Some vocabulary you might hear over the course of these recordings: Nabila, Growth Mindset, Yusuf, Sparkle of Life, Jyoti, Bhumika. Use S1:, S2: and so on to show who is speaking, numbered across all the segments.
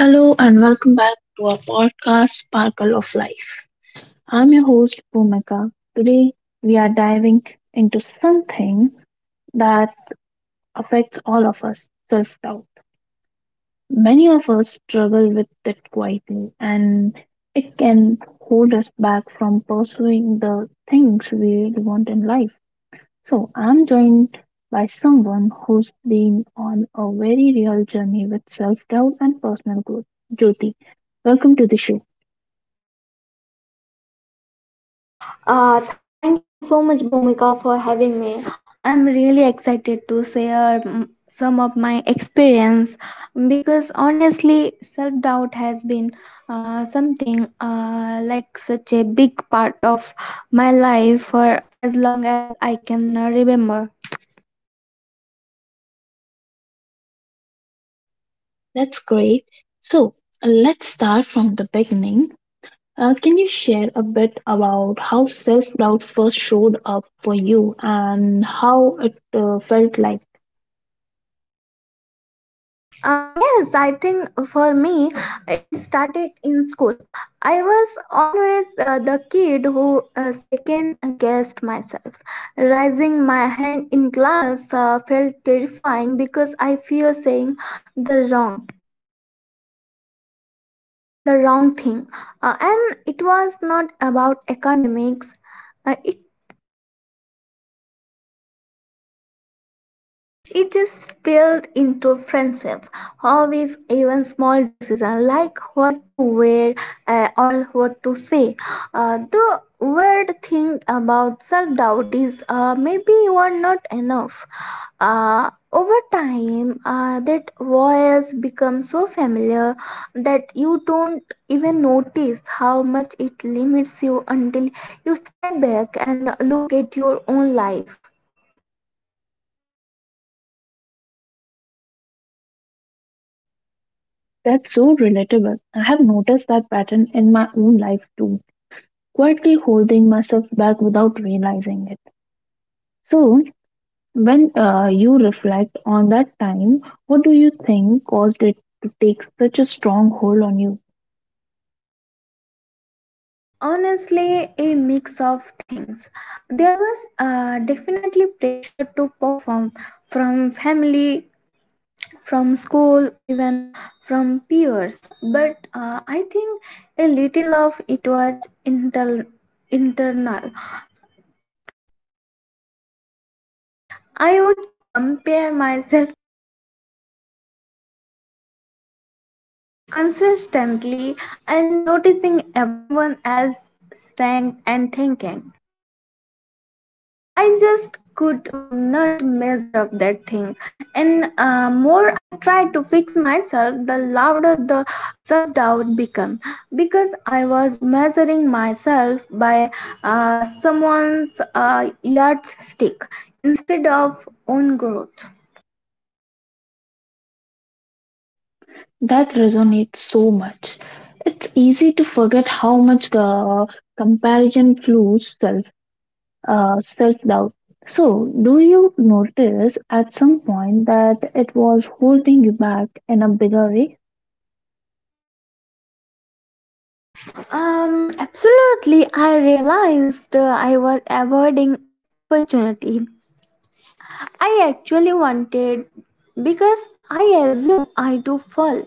S1: Hello and welcome back to our podcast, Sparkle of Life. I'm your host, Bhumika. Today, we are diving into something that affects all of us self doubt. Many of us struggle with it quietly, and it can hold us back from pursuing the things we really want in life. So, I'm joined by someone who's been on a very real journey with self doubt and personal growth, Jyoti. Welcome to the show.
S2: Thank you so much, Bhumika, for having me. I'm really excited to share some of my experience because honestly, self doubt has been something like such a big part of my life for as long as I can remember.
S1: That's great. So let's start from the beginning. Can you share a bit about how self doubt first showed up for you and how it felt like?
S2: Yes, I think for me it started in school. I was always the kid who second guessed myself. Raising my hand in class felt terrifying because I fear saying the wrong, the wrong thing. And it was not about academics. Uh, it It just spilled into friendship, hobbies, even small decisions like what to wear or what to say. The weird thing about self doubt is maybe you are not enough. Over time, that voice becomes so familiar that you don't even notice how much it limits you until you step back and look at your own life.
S1: That's so relatable. I have noticed that pattern in my own life too, quietly holding myself back without realizing it. So, when you reflect on that time, what do you think caused it to take such a strong hold on you?
S2: Honestly, a mix of things. There was definitely pressure to perform, from family, from school, even from peers, but I think a little of it was internal. I would compare myself consistently and noticing everyone else's strength and thinking I just could not measure up that thing. And more I tried to fix myself, the louder the self doubt became. Because I was measuring myself by someone's yardstick instead of own growth.
S1: That resonates so much. It's easy to forget how much comparison fuels self doubt. So, do you notice at some point that it was holding you back in a bigger way?
S2: Absolutely, I realized I was avoiding opportunity I actually wanted because I assume I do fall.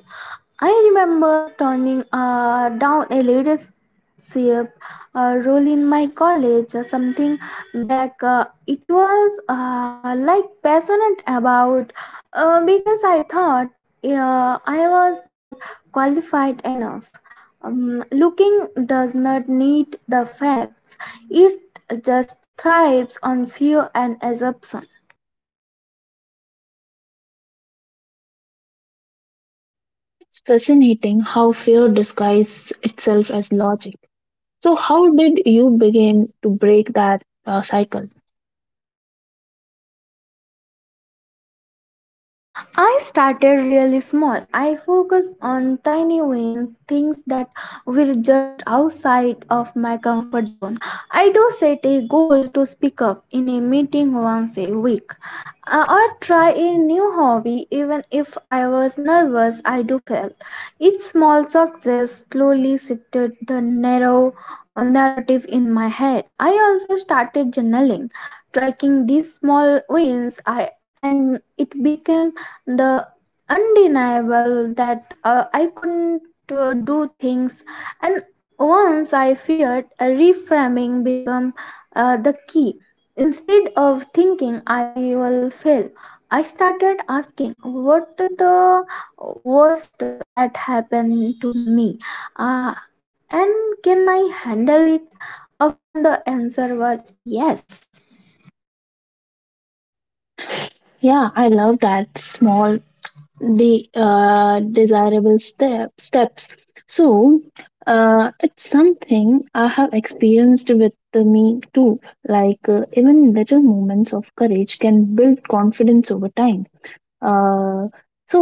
S2: I remember turning down a leadership role in my college or something back. It was like passionate about because I thought I was not qualified enough. Looking does not need the facts, it just thrives on fear and assumption.
S1: It's fascinating how fear disguises itself as logic. So, how did you begin to break that cycle?
S2: I started really small. I focused on tiny wins, things that were just outside of my comfort zone. I do set a goal to speak up in a meeting once a week or try a new hobby even if I was nervous. I do fail. Each small success slowly shifted the narrow narrative in my head. I also started journaling, tracking these small wins. I and it became the undeniable that I couldn't do things, and once I feared a reframing become the key. Instead of thinking I will fail, I started asking what the worst that happened to me, uh, and can I handle it? Often the answer was yes.
S1: Yeah, I love that small the uh, desirable step steps, so it's something I have experienced with the me too, like even little moments of courage can build confidence over time. Uh, so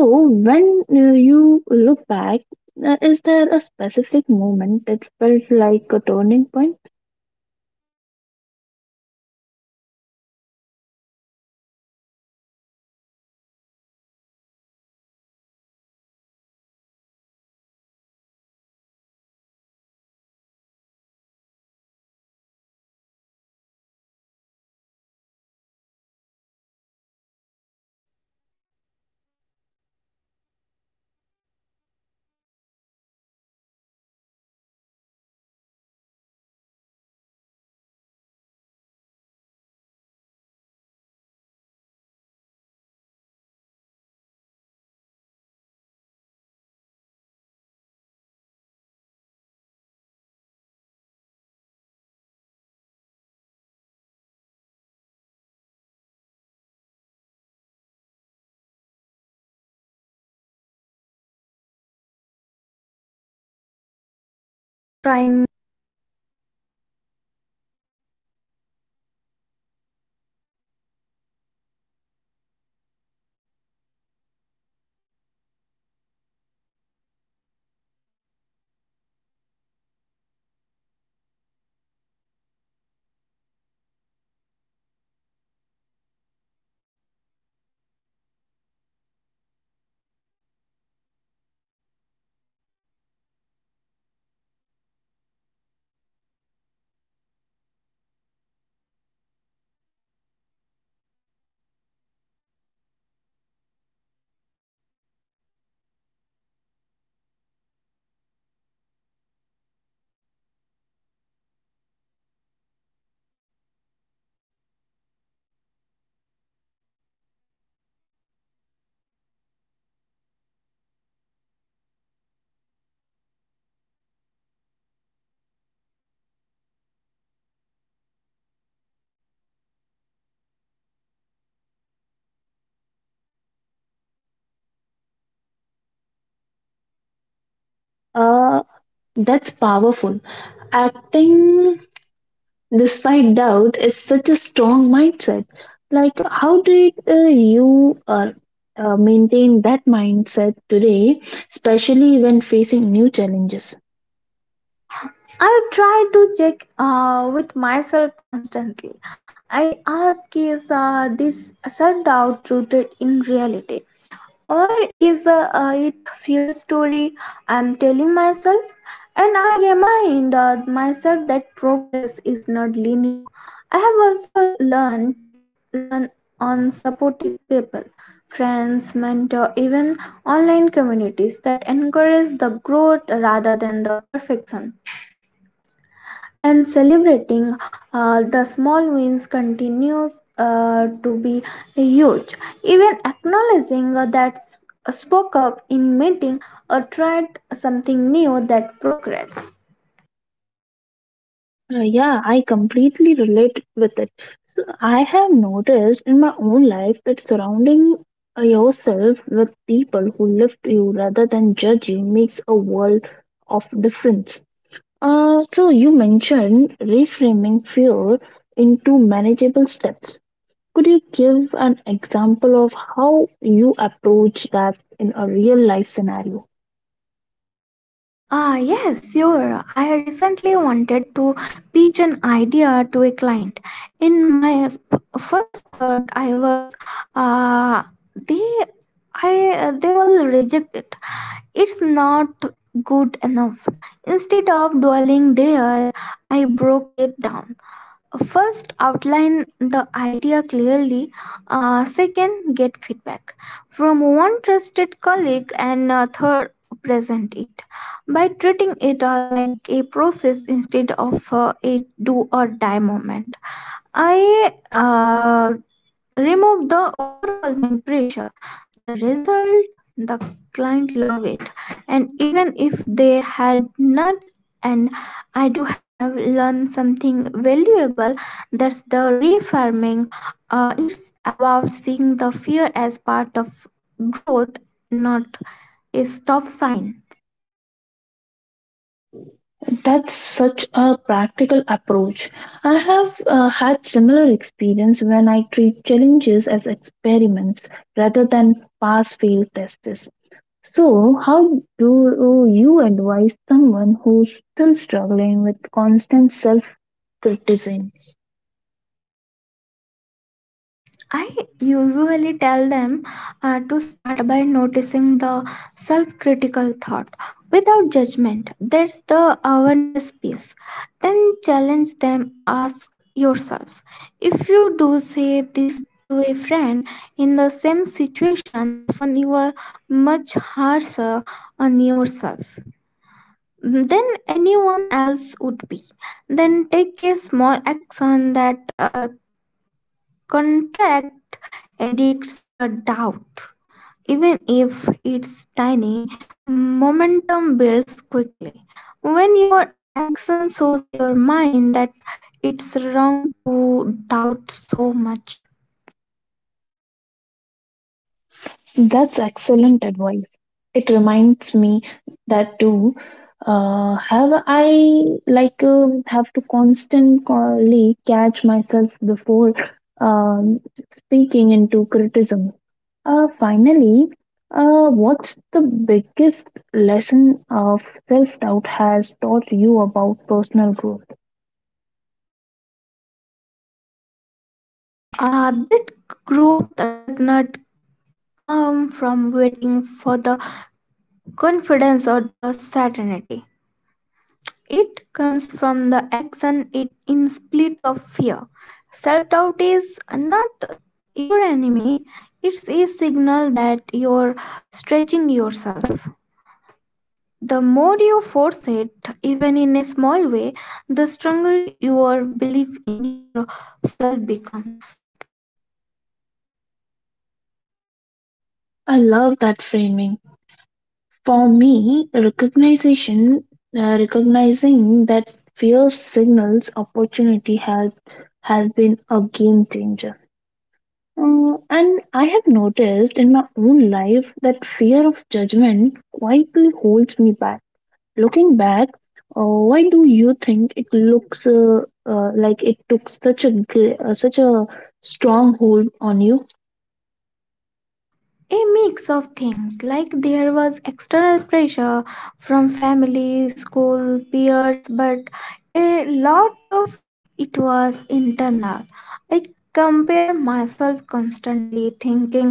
S1: when you look back, is there a specific moment that felt like a turning point?
S2: Yes. Um, There is, I was invited to lead a workshop for younger students on a topic. I was nervous about it. I initially said no because of self doubt, but then I remember all the small wins. I do become um, uh, accumulating over the month, speaking in small grounds, trying a new challenges. I decided to say yes. The works were, soft went really well, and after a while, I felt this shift. I realized self doubt does not have to disappear. Mm, For you to act, you can act in spite of it. That lesson has stuck with me ever since.
S1: Uh, that's powerful. Acting despite doubt is such a strong mindset. Like, how did you maintain that mindset today, especially when facing new challenges?
S2: I try to check with myself constantly. I ask is this self doubt rooted in reality or is it fear story I'm telling myself? And I remind myself that progress is not linear. I have also learned to learn on supportive people, friends, mentor, even online communities that encourage the growth rather than the perfection, and celebrating the small wins continues to be huge, even acknowledging spoke up in meeting or tried something new, that progress.
S1: Yeah, I completely relate with it. So I have noticed in my own life that surrounding yourself with people who lift you rather than judge you makes a world of difference. So you mentioned reframing fear into manageable steps. Could you give an example of how you approach that in a real life scenario?
S2: Ah, yes, sure. I recently wanted to pitch an idea to a client. In my first thought, I was, uh, they, I, they will reject it. It's not good enough. Instead of dwelling there, I broke it down. First, outline the idea clearly. Second, get feedback from one trusted colleague. And third, present it by treating it like a process instead of a do or die moment. I remove the overwhelming pressure, the result, the client love it, and even if they had not, and I do have learned something valuable. That's the reframing. It's about seeing the fear as part of growth, not a stop sign.
S1: That's such a practical approach. I have had similar experience when I treat challenges as experiments rather than pass fail tests. So, how do you advise someone who's still struggling with constant self criticism?
S2: I usually tell them to start by noticing the self critical thought without judgment. That's the awareness piece. Then challenge them, ask yourself if you do say this to a friend in the same situation, often you are much harsher on yourself than anyone else would be. Then take a small action that contracts edits the doubt. Even if it's tiny, momentum builds quickly. When your action shows your mind that it's wrong to doubt so much,
S1: That's excellent advice. It reminds me that too. Have I like have to constantly catch myself before um, speaking into criticism? Finally, what's the biggest lesson of self doubt has taught you about personal growth?
S2: that growth does not come from waiting for the confidence or the certainty. It comes from the action it in split of fear. Self doubt is not your enemy, it's a signal that you're stretching yourself. The more you force it, even in a small way, the stronger your belief in yourself becomes.
S1: I love that framing. For me, recognizing that fear signals opportunity has been a game changer. And I have noticed in my own life that fear of judgment quietly holds me back. Looking back, why do you think it looks like it took such a strong hold on you?
S2: A mix of things, like there was external pressure from family, school, peers, but a lot of it was internal. I compare myself constantly, thinking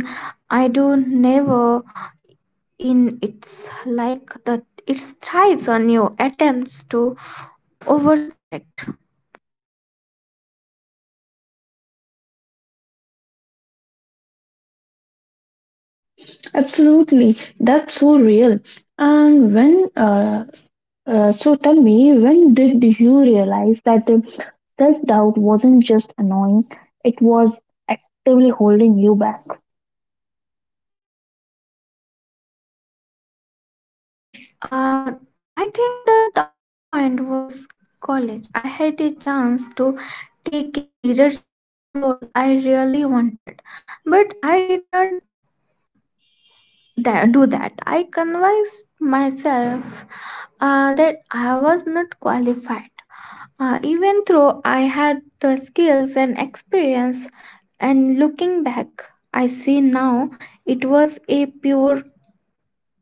S2: I do never in it's like that it thrives on you attempts to overcorrect.
S1: Absolutely, that's so real. And when so tell me, when did you realize that self doubt wasn't just annoying, it was actively holding you back?
S2: Uh, I think the turning point was college. I had a chance to take a leadership role I really wanted, but I did not do that. I convinced myself that I was not qualified. Even though I had the skills and experience, and looking back, I see now it was a pure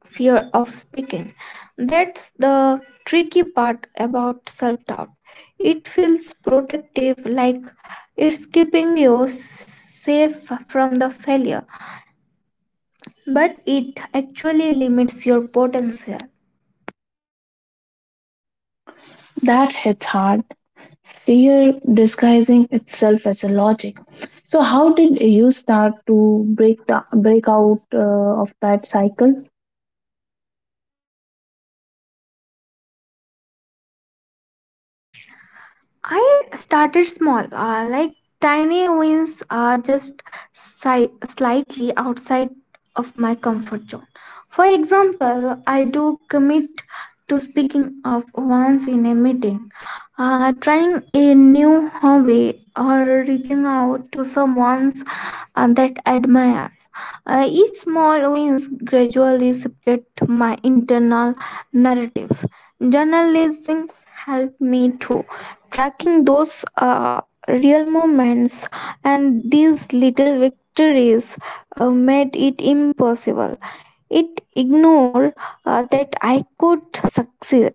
S2: fear of speaking. That's the tricky part about self doubt. It feels protective, like it's keeping you safe from the failure, but it actually limits your potential.
S1: That hits hard. Fear disguising itself as a logic. So, how did you start to break out of that cycle?
S2: I started small, like tiny wins are just slightly outside of my comfort zone. For example, I do commit to speaking up once in a meeting, trying a new hobby, or reaching out to someone that I admire. Each small wins gradually shifted my internal narrative. Journalism helped me too, tracking those real moments, and these little victories made it impossible it ignored that I could succeed.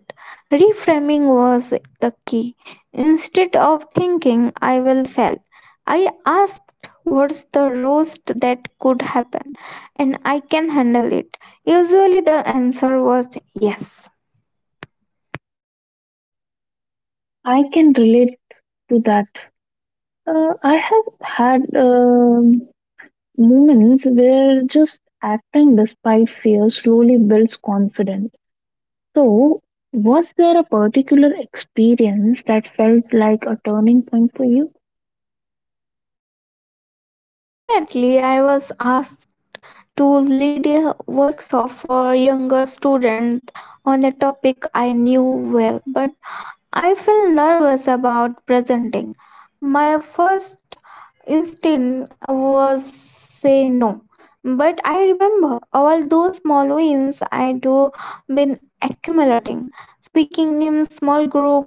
S2: Reframing was the key. Instead of thinking I will fail, I asked what's the worst that could happen and I can handle it. Usually the answer was yes.
S1: I can relate to that. I have had moments where just acting despite fear slowly builds confidence. So, was there a particular experience that felt like a turning point for you?
S2: Definitely, I was asked to lead a workshop for younger students on a topic I knew well, but I felt nervous about presenting. My first instinct was say no, but I remember all those small wins I do been accumulating. Speaking in small group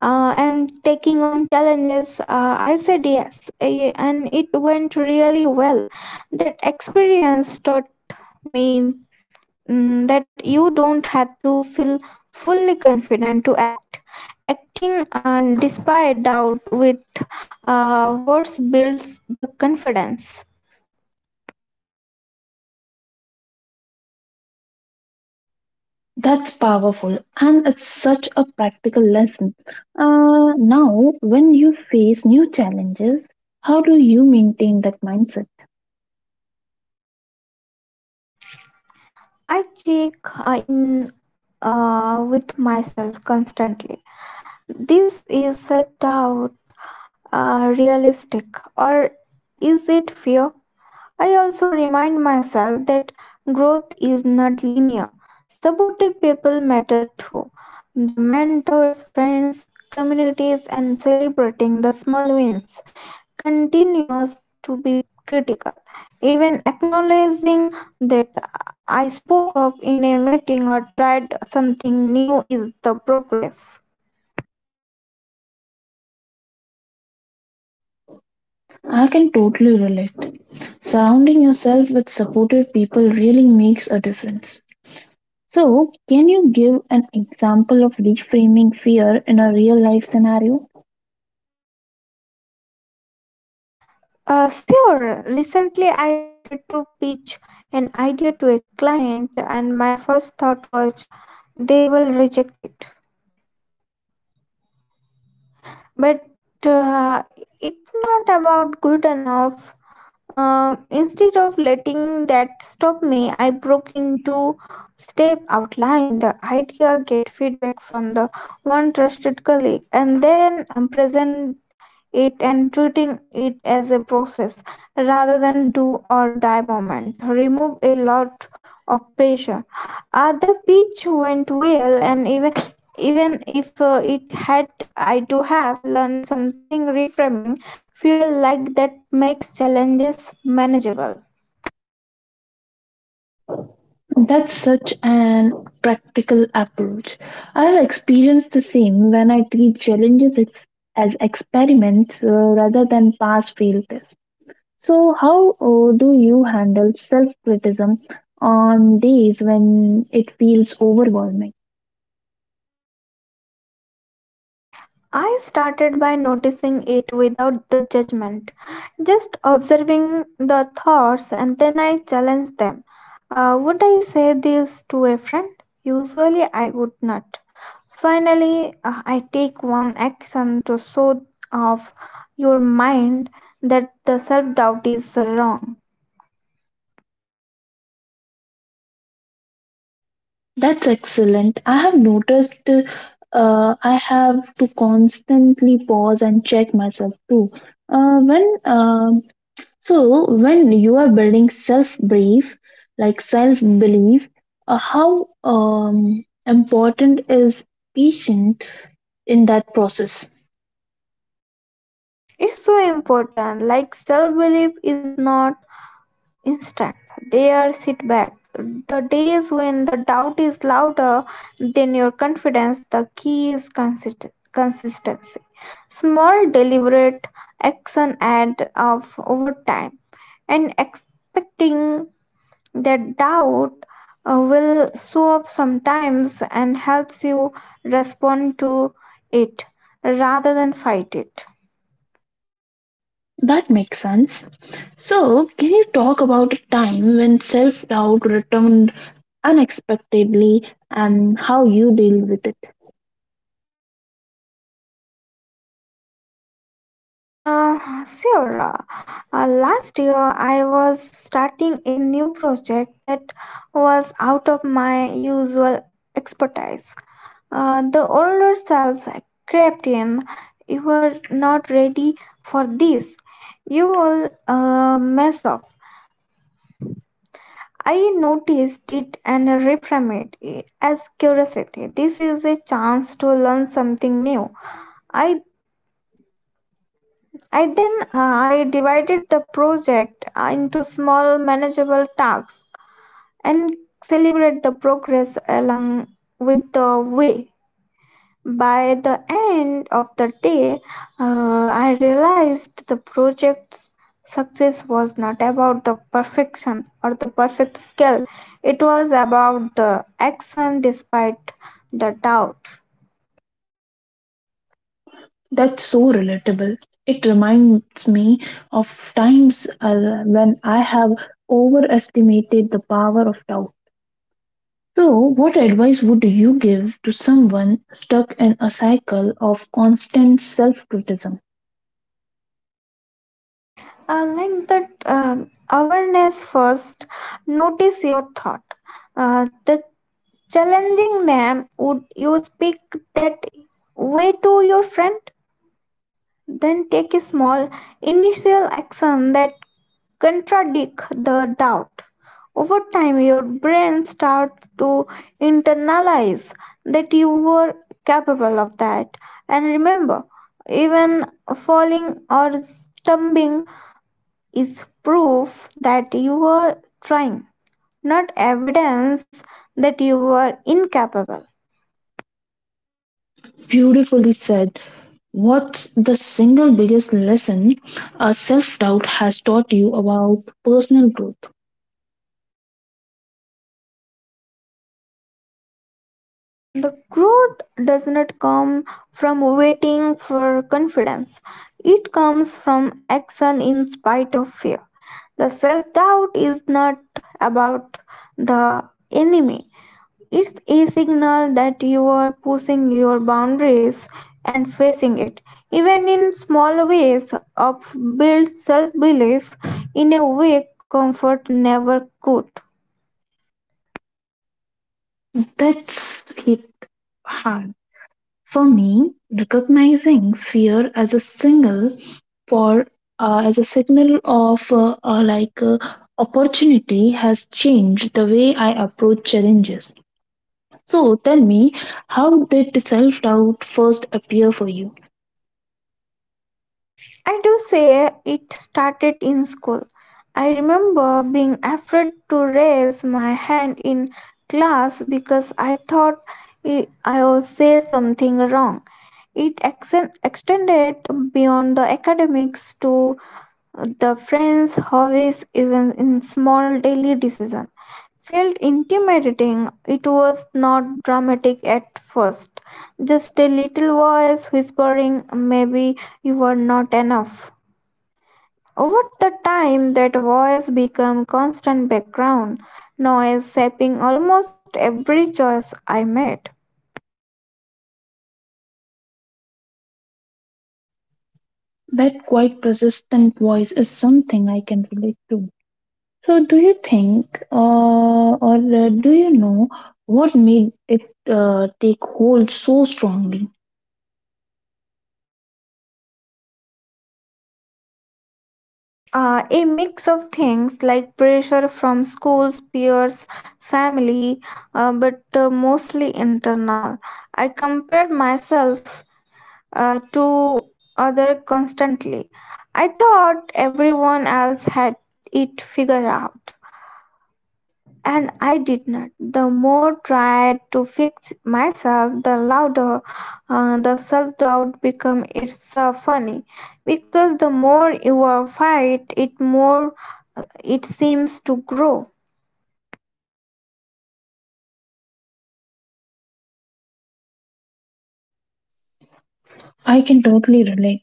S2: and taking on challenges, I said yes, and it went really well. That experience taught me that you don't have to feel fully confident to act. Acting despite doubt with words builds the confidence.
S1: That's powerful and it's such a practical lesson. Now, when you face new challenges, how do you maintain that mindset?
S2: I check in with myself constantly. This is self doubt realistic or is it fear? I also remind myself that growth is not linear. Supportive people matter too. The mentors, friends, communities, and celebrating the small wins continues to be critical. Even acknowledging that I spoke up in a meeting or tried something new is the progress.
S1: I can totally relate. Surrounding yourself with supportive people really makes a difference. So, can you give an example of reframing fear in a real life scenario?
S2: Sure, recently I wanted to pitch an idea to a client, and my first thought was they will reject it. But uh, it's not about good enough. Instead of letting that stop me, I broke into step, outline the idea, get feedback from the one trusted colleague, and then present it, and treating it as a process rather than do or die moment removed a lot of pressure. The pitch went well, and even if it had, I do have learned something. Reframing fuel like that makes challenges manageable.
S1: That's such an practical approach. I've experienced the same when I treat as experiments rather than pass fail tests. So, how do you handle self criticism on days when it feels overwhelming?
S2: I started by noticing it without the judgment, just observing the thoughts, and then I challenged them. Would I say this to a friend? Usually I would not. Finally, I take one action to show off your mind that the self doubt is wrong.
S1: That's excellent. I have noticed I have to constantly pause and check myself too. When So when you are building self brief, like self belief, how important is patient in that process?
S2: It's so important, like self belief is not instant. Dare sit back. The days when the doubt is louder than your confidence, the key is consistency. Small, deliberate action add of over time, and expecting that doubt will show up sometimes and helps you respond to it rather than fight it.
S1: That makes sense. So can you talk about a time when self doubt returned unexpectedly and how you deal with it?
S2: Sure. Last year I was starting a new project that was out of my usual expertise. The older self crept in. You were not ready for this. You will mess up. I noticed it and reframed it as curiosity. This is a chance to learn something new. I I then I divided the project into small manageable tasks and celebrate the progress along with the way. By the end of the day, I realized the project's success was not about the perfection or the perfect skill. It was about the action despite the doubt.
S1: That's so relatable. It reminds me of times when I have overestimated the power of doubt. So, what advice would you give to someone stuck in a cycle of constant self criticism?
S2: Like that Awareness first, notice your thought, the challenging them, would you speak that way to your friend? Then take a small initial action that contradict the doubt. Over time your brain starts to internalize that you were capable of that. And remember, even falling or stumbling is proof that you are trying, not evidence that you are incapable.
S1: Beautifully said. What's the single biggest lesson a self doubt has taught you about personal growth?
S2: The growth does not come from waiting for confidence, it comes from action in spite of fear. The self doubt is not about the enemy, it's a signal that you are pushing your boundaries and facing it. Even in small ways, up builds self belief in a way comfort never could.
S1: That's hit hard. For me, recognizing fear as a single for as a signal of opportunity has changed the way I approach challenges. So tell me, how did self doubt first appear for you?
S2: I do say it started in school. I remember being afraid to raise my hand in class because I thought I would say something wrong. It extended beyond the academics to the friends, hobbies, even in small daily decisions felt intimidating. It was not dramatic at first, just a little voice whispering, maybe you are not enough. Over the time, that voice became constant background noise, shaping almost every choice I made.
S1: That quite persistent voice is something I can relate to. So, do you think or do you know what made it take hold so strongly?
S2: A mix of things like pressure from schools, peers, family, but mostly internal. I compared myself to other constantly. I thought everyone else had it figured out, and I did not. The more tried to fix myself, the louder the self-doubt became. It's funny because the more you fight, it more it seems to grow.
S1: I can totally relate.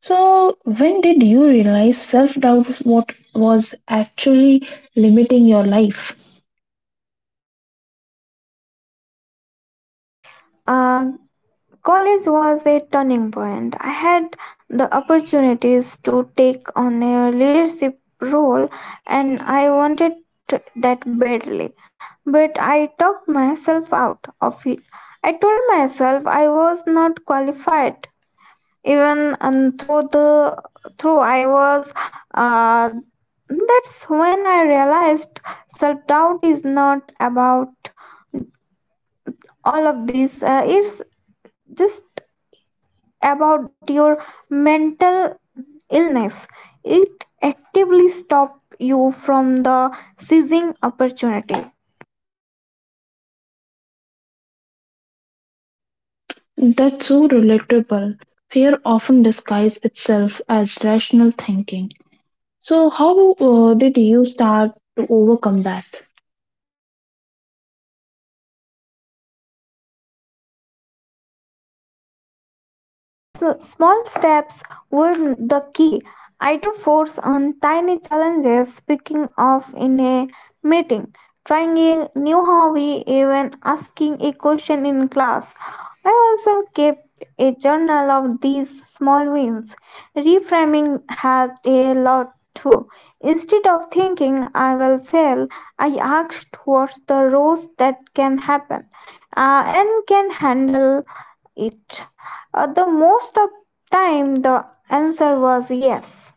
S1: So, when did you realize self doubt what was actually limiting your life?
S2: Uh, College was a turning point. I had the opportunities to take on a leadership role and I wanted that badly. But I talked myself out of it. I told myself I was not qualified. Even and through the through I was uh, that's when I realized self doubt is not about all of this. It's just about your mental illness. It actively stops you from the seizing opportunity.
S1: That's so relatable. Fear often disguises itself as rational thinking. So, how did you start to overcome that?
S2: uh, the s- Small steps were the key. I do force on tiny challenges, speaking of in a meeting, trying a new hobby, even asking a question in class. I also kept a journal of these small wins. Reframing helped a lot too. Instead of thinking I will fail, I asked what's the worst that can happen and can handle it. The most of time the answer was yes.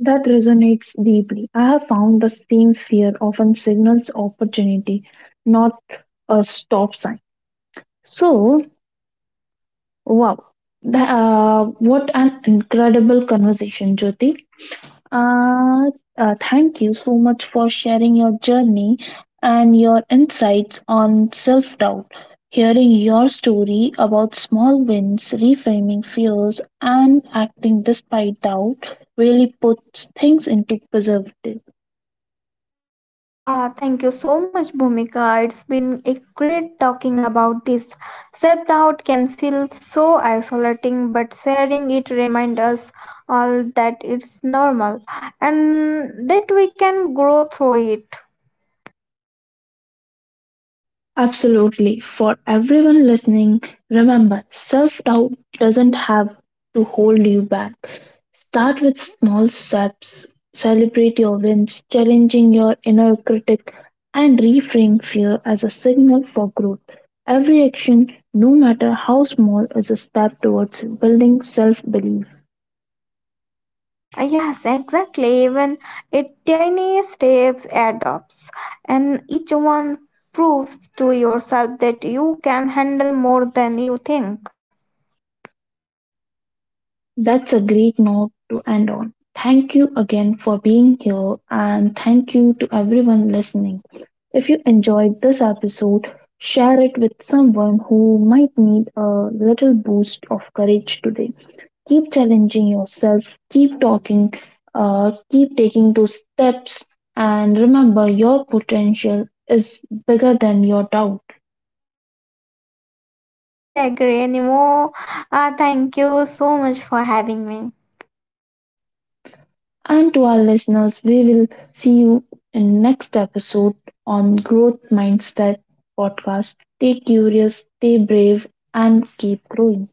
S1: That resonates deeply. I have found the same fear often signals opportunity, not a stop sign. So, wow, what an incredible conversation, Jyoti. Uh, thank you so much for sharing your journey and your insights on self doubt. Hearing your story about small wins, reframing fears, and acting despite doubt really puts things into perspective.
S2: Thank you so much, Bhumika. It's been a great talking about this. Self doubt can feel so isolating, but sharing it reminds us all that it's normal and that we can grow through it.
S1: Absolutely. For everyone listening, remember self doubt doesn't have to hold you back. Start with small steps, celebrate your wins, challenging your inner critic, and reframe fear as a signal for growth. Every action, no matter how small, is a step towards building self belief.
S2: Yes, exactly. Even a tiny steps add up, and each one proves to yourself that you can handle more than you think.
S1: That's a great note to end on. Thank you again for being here, and thank you to everyone listening. If you enjoyed this episode, share it with someone who might need a little boost of courage today. Keep challenging yourself, keep talking, keep taking those steps, and remember your potential is bigger than your doubt.
S2: Huh, I could not agree anymore. Thank you so much for having me.
S1: And to our listeners, we will see you in next episode on Growth Mindset podcast. Stay curious, stay brave, and keep growing.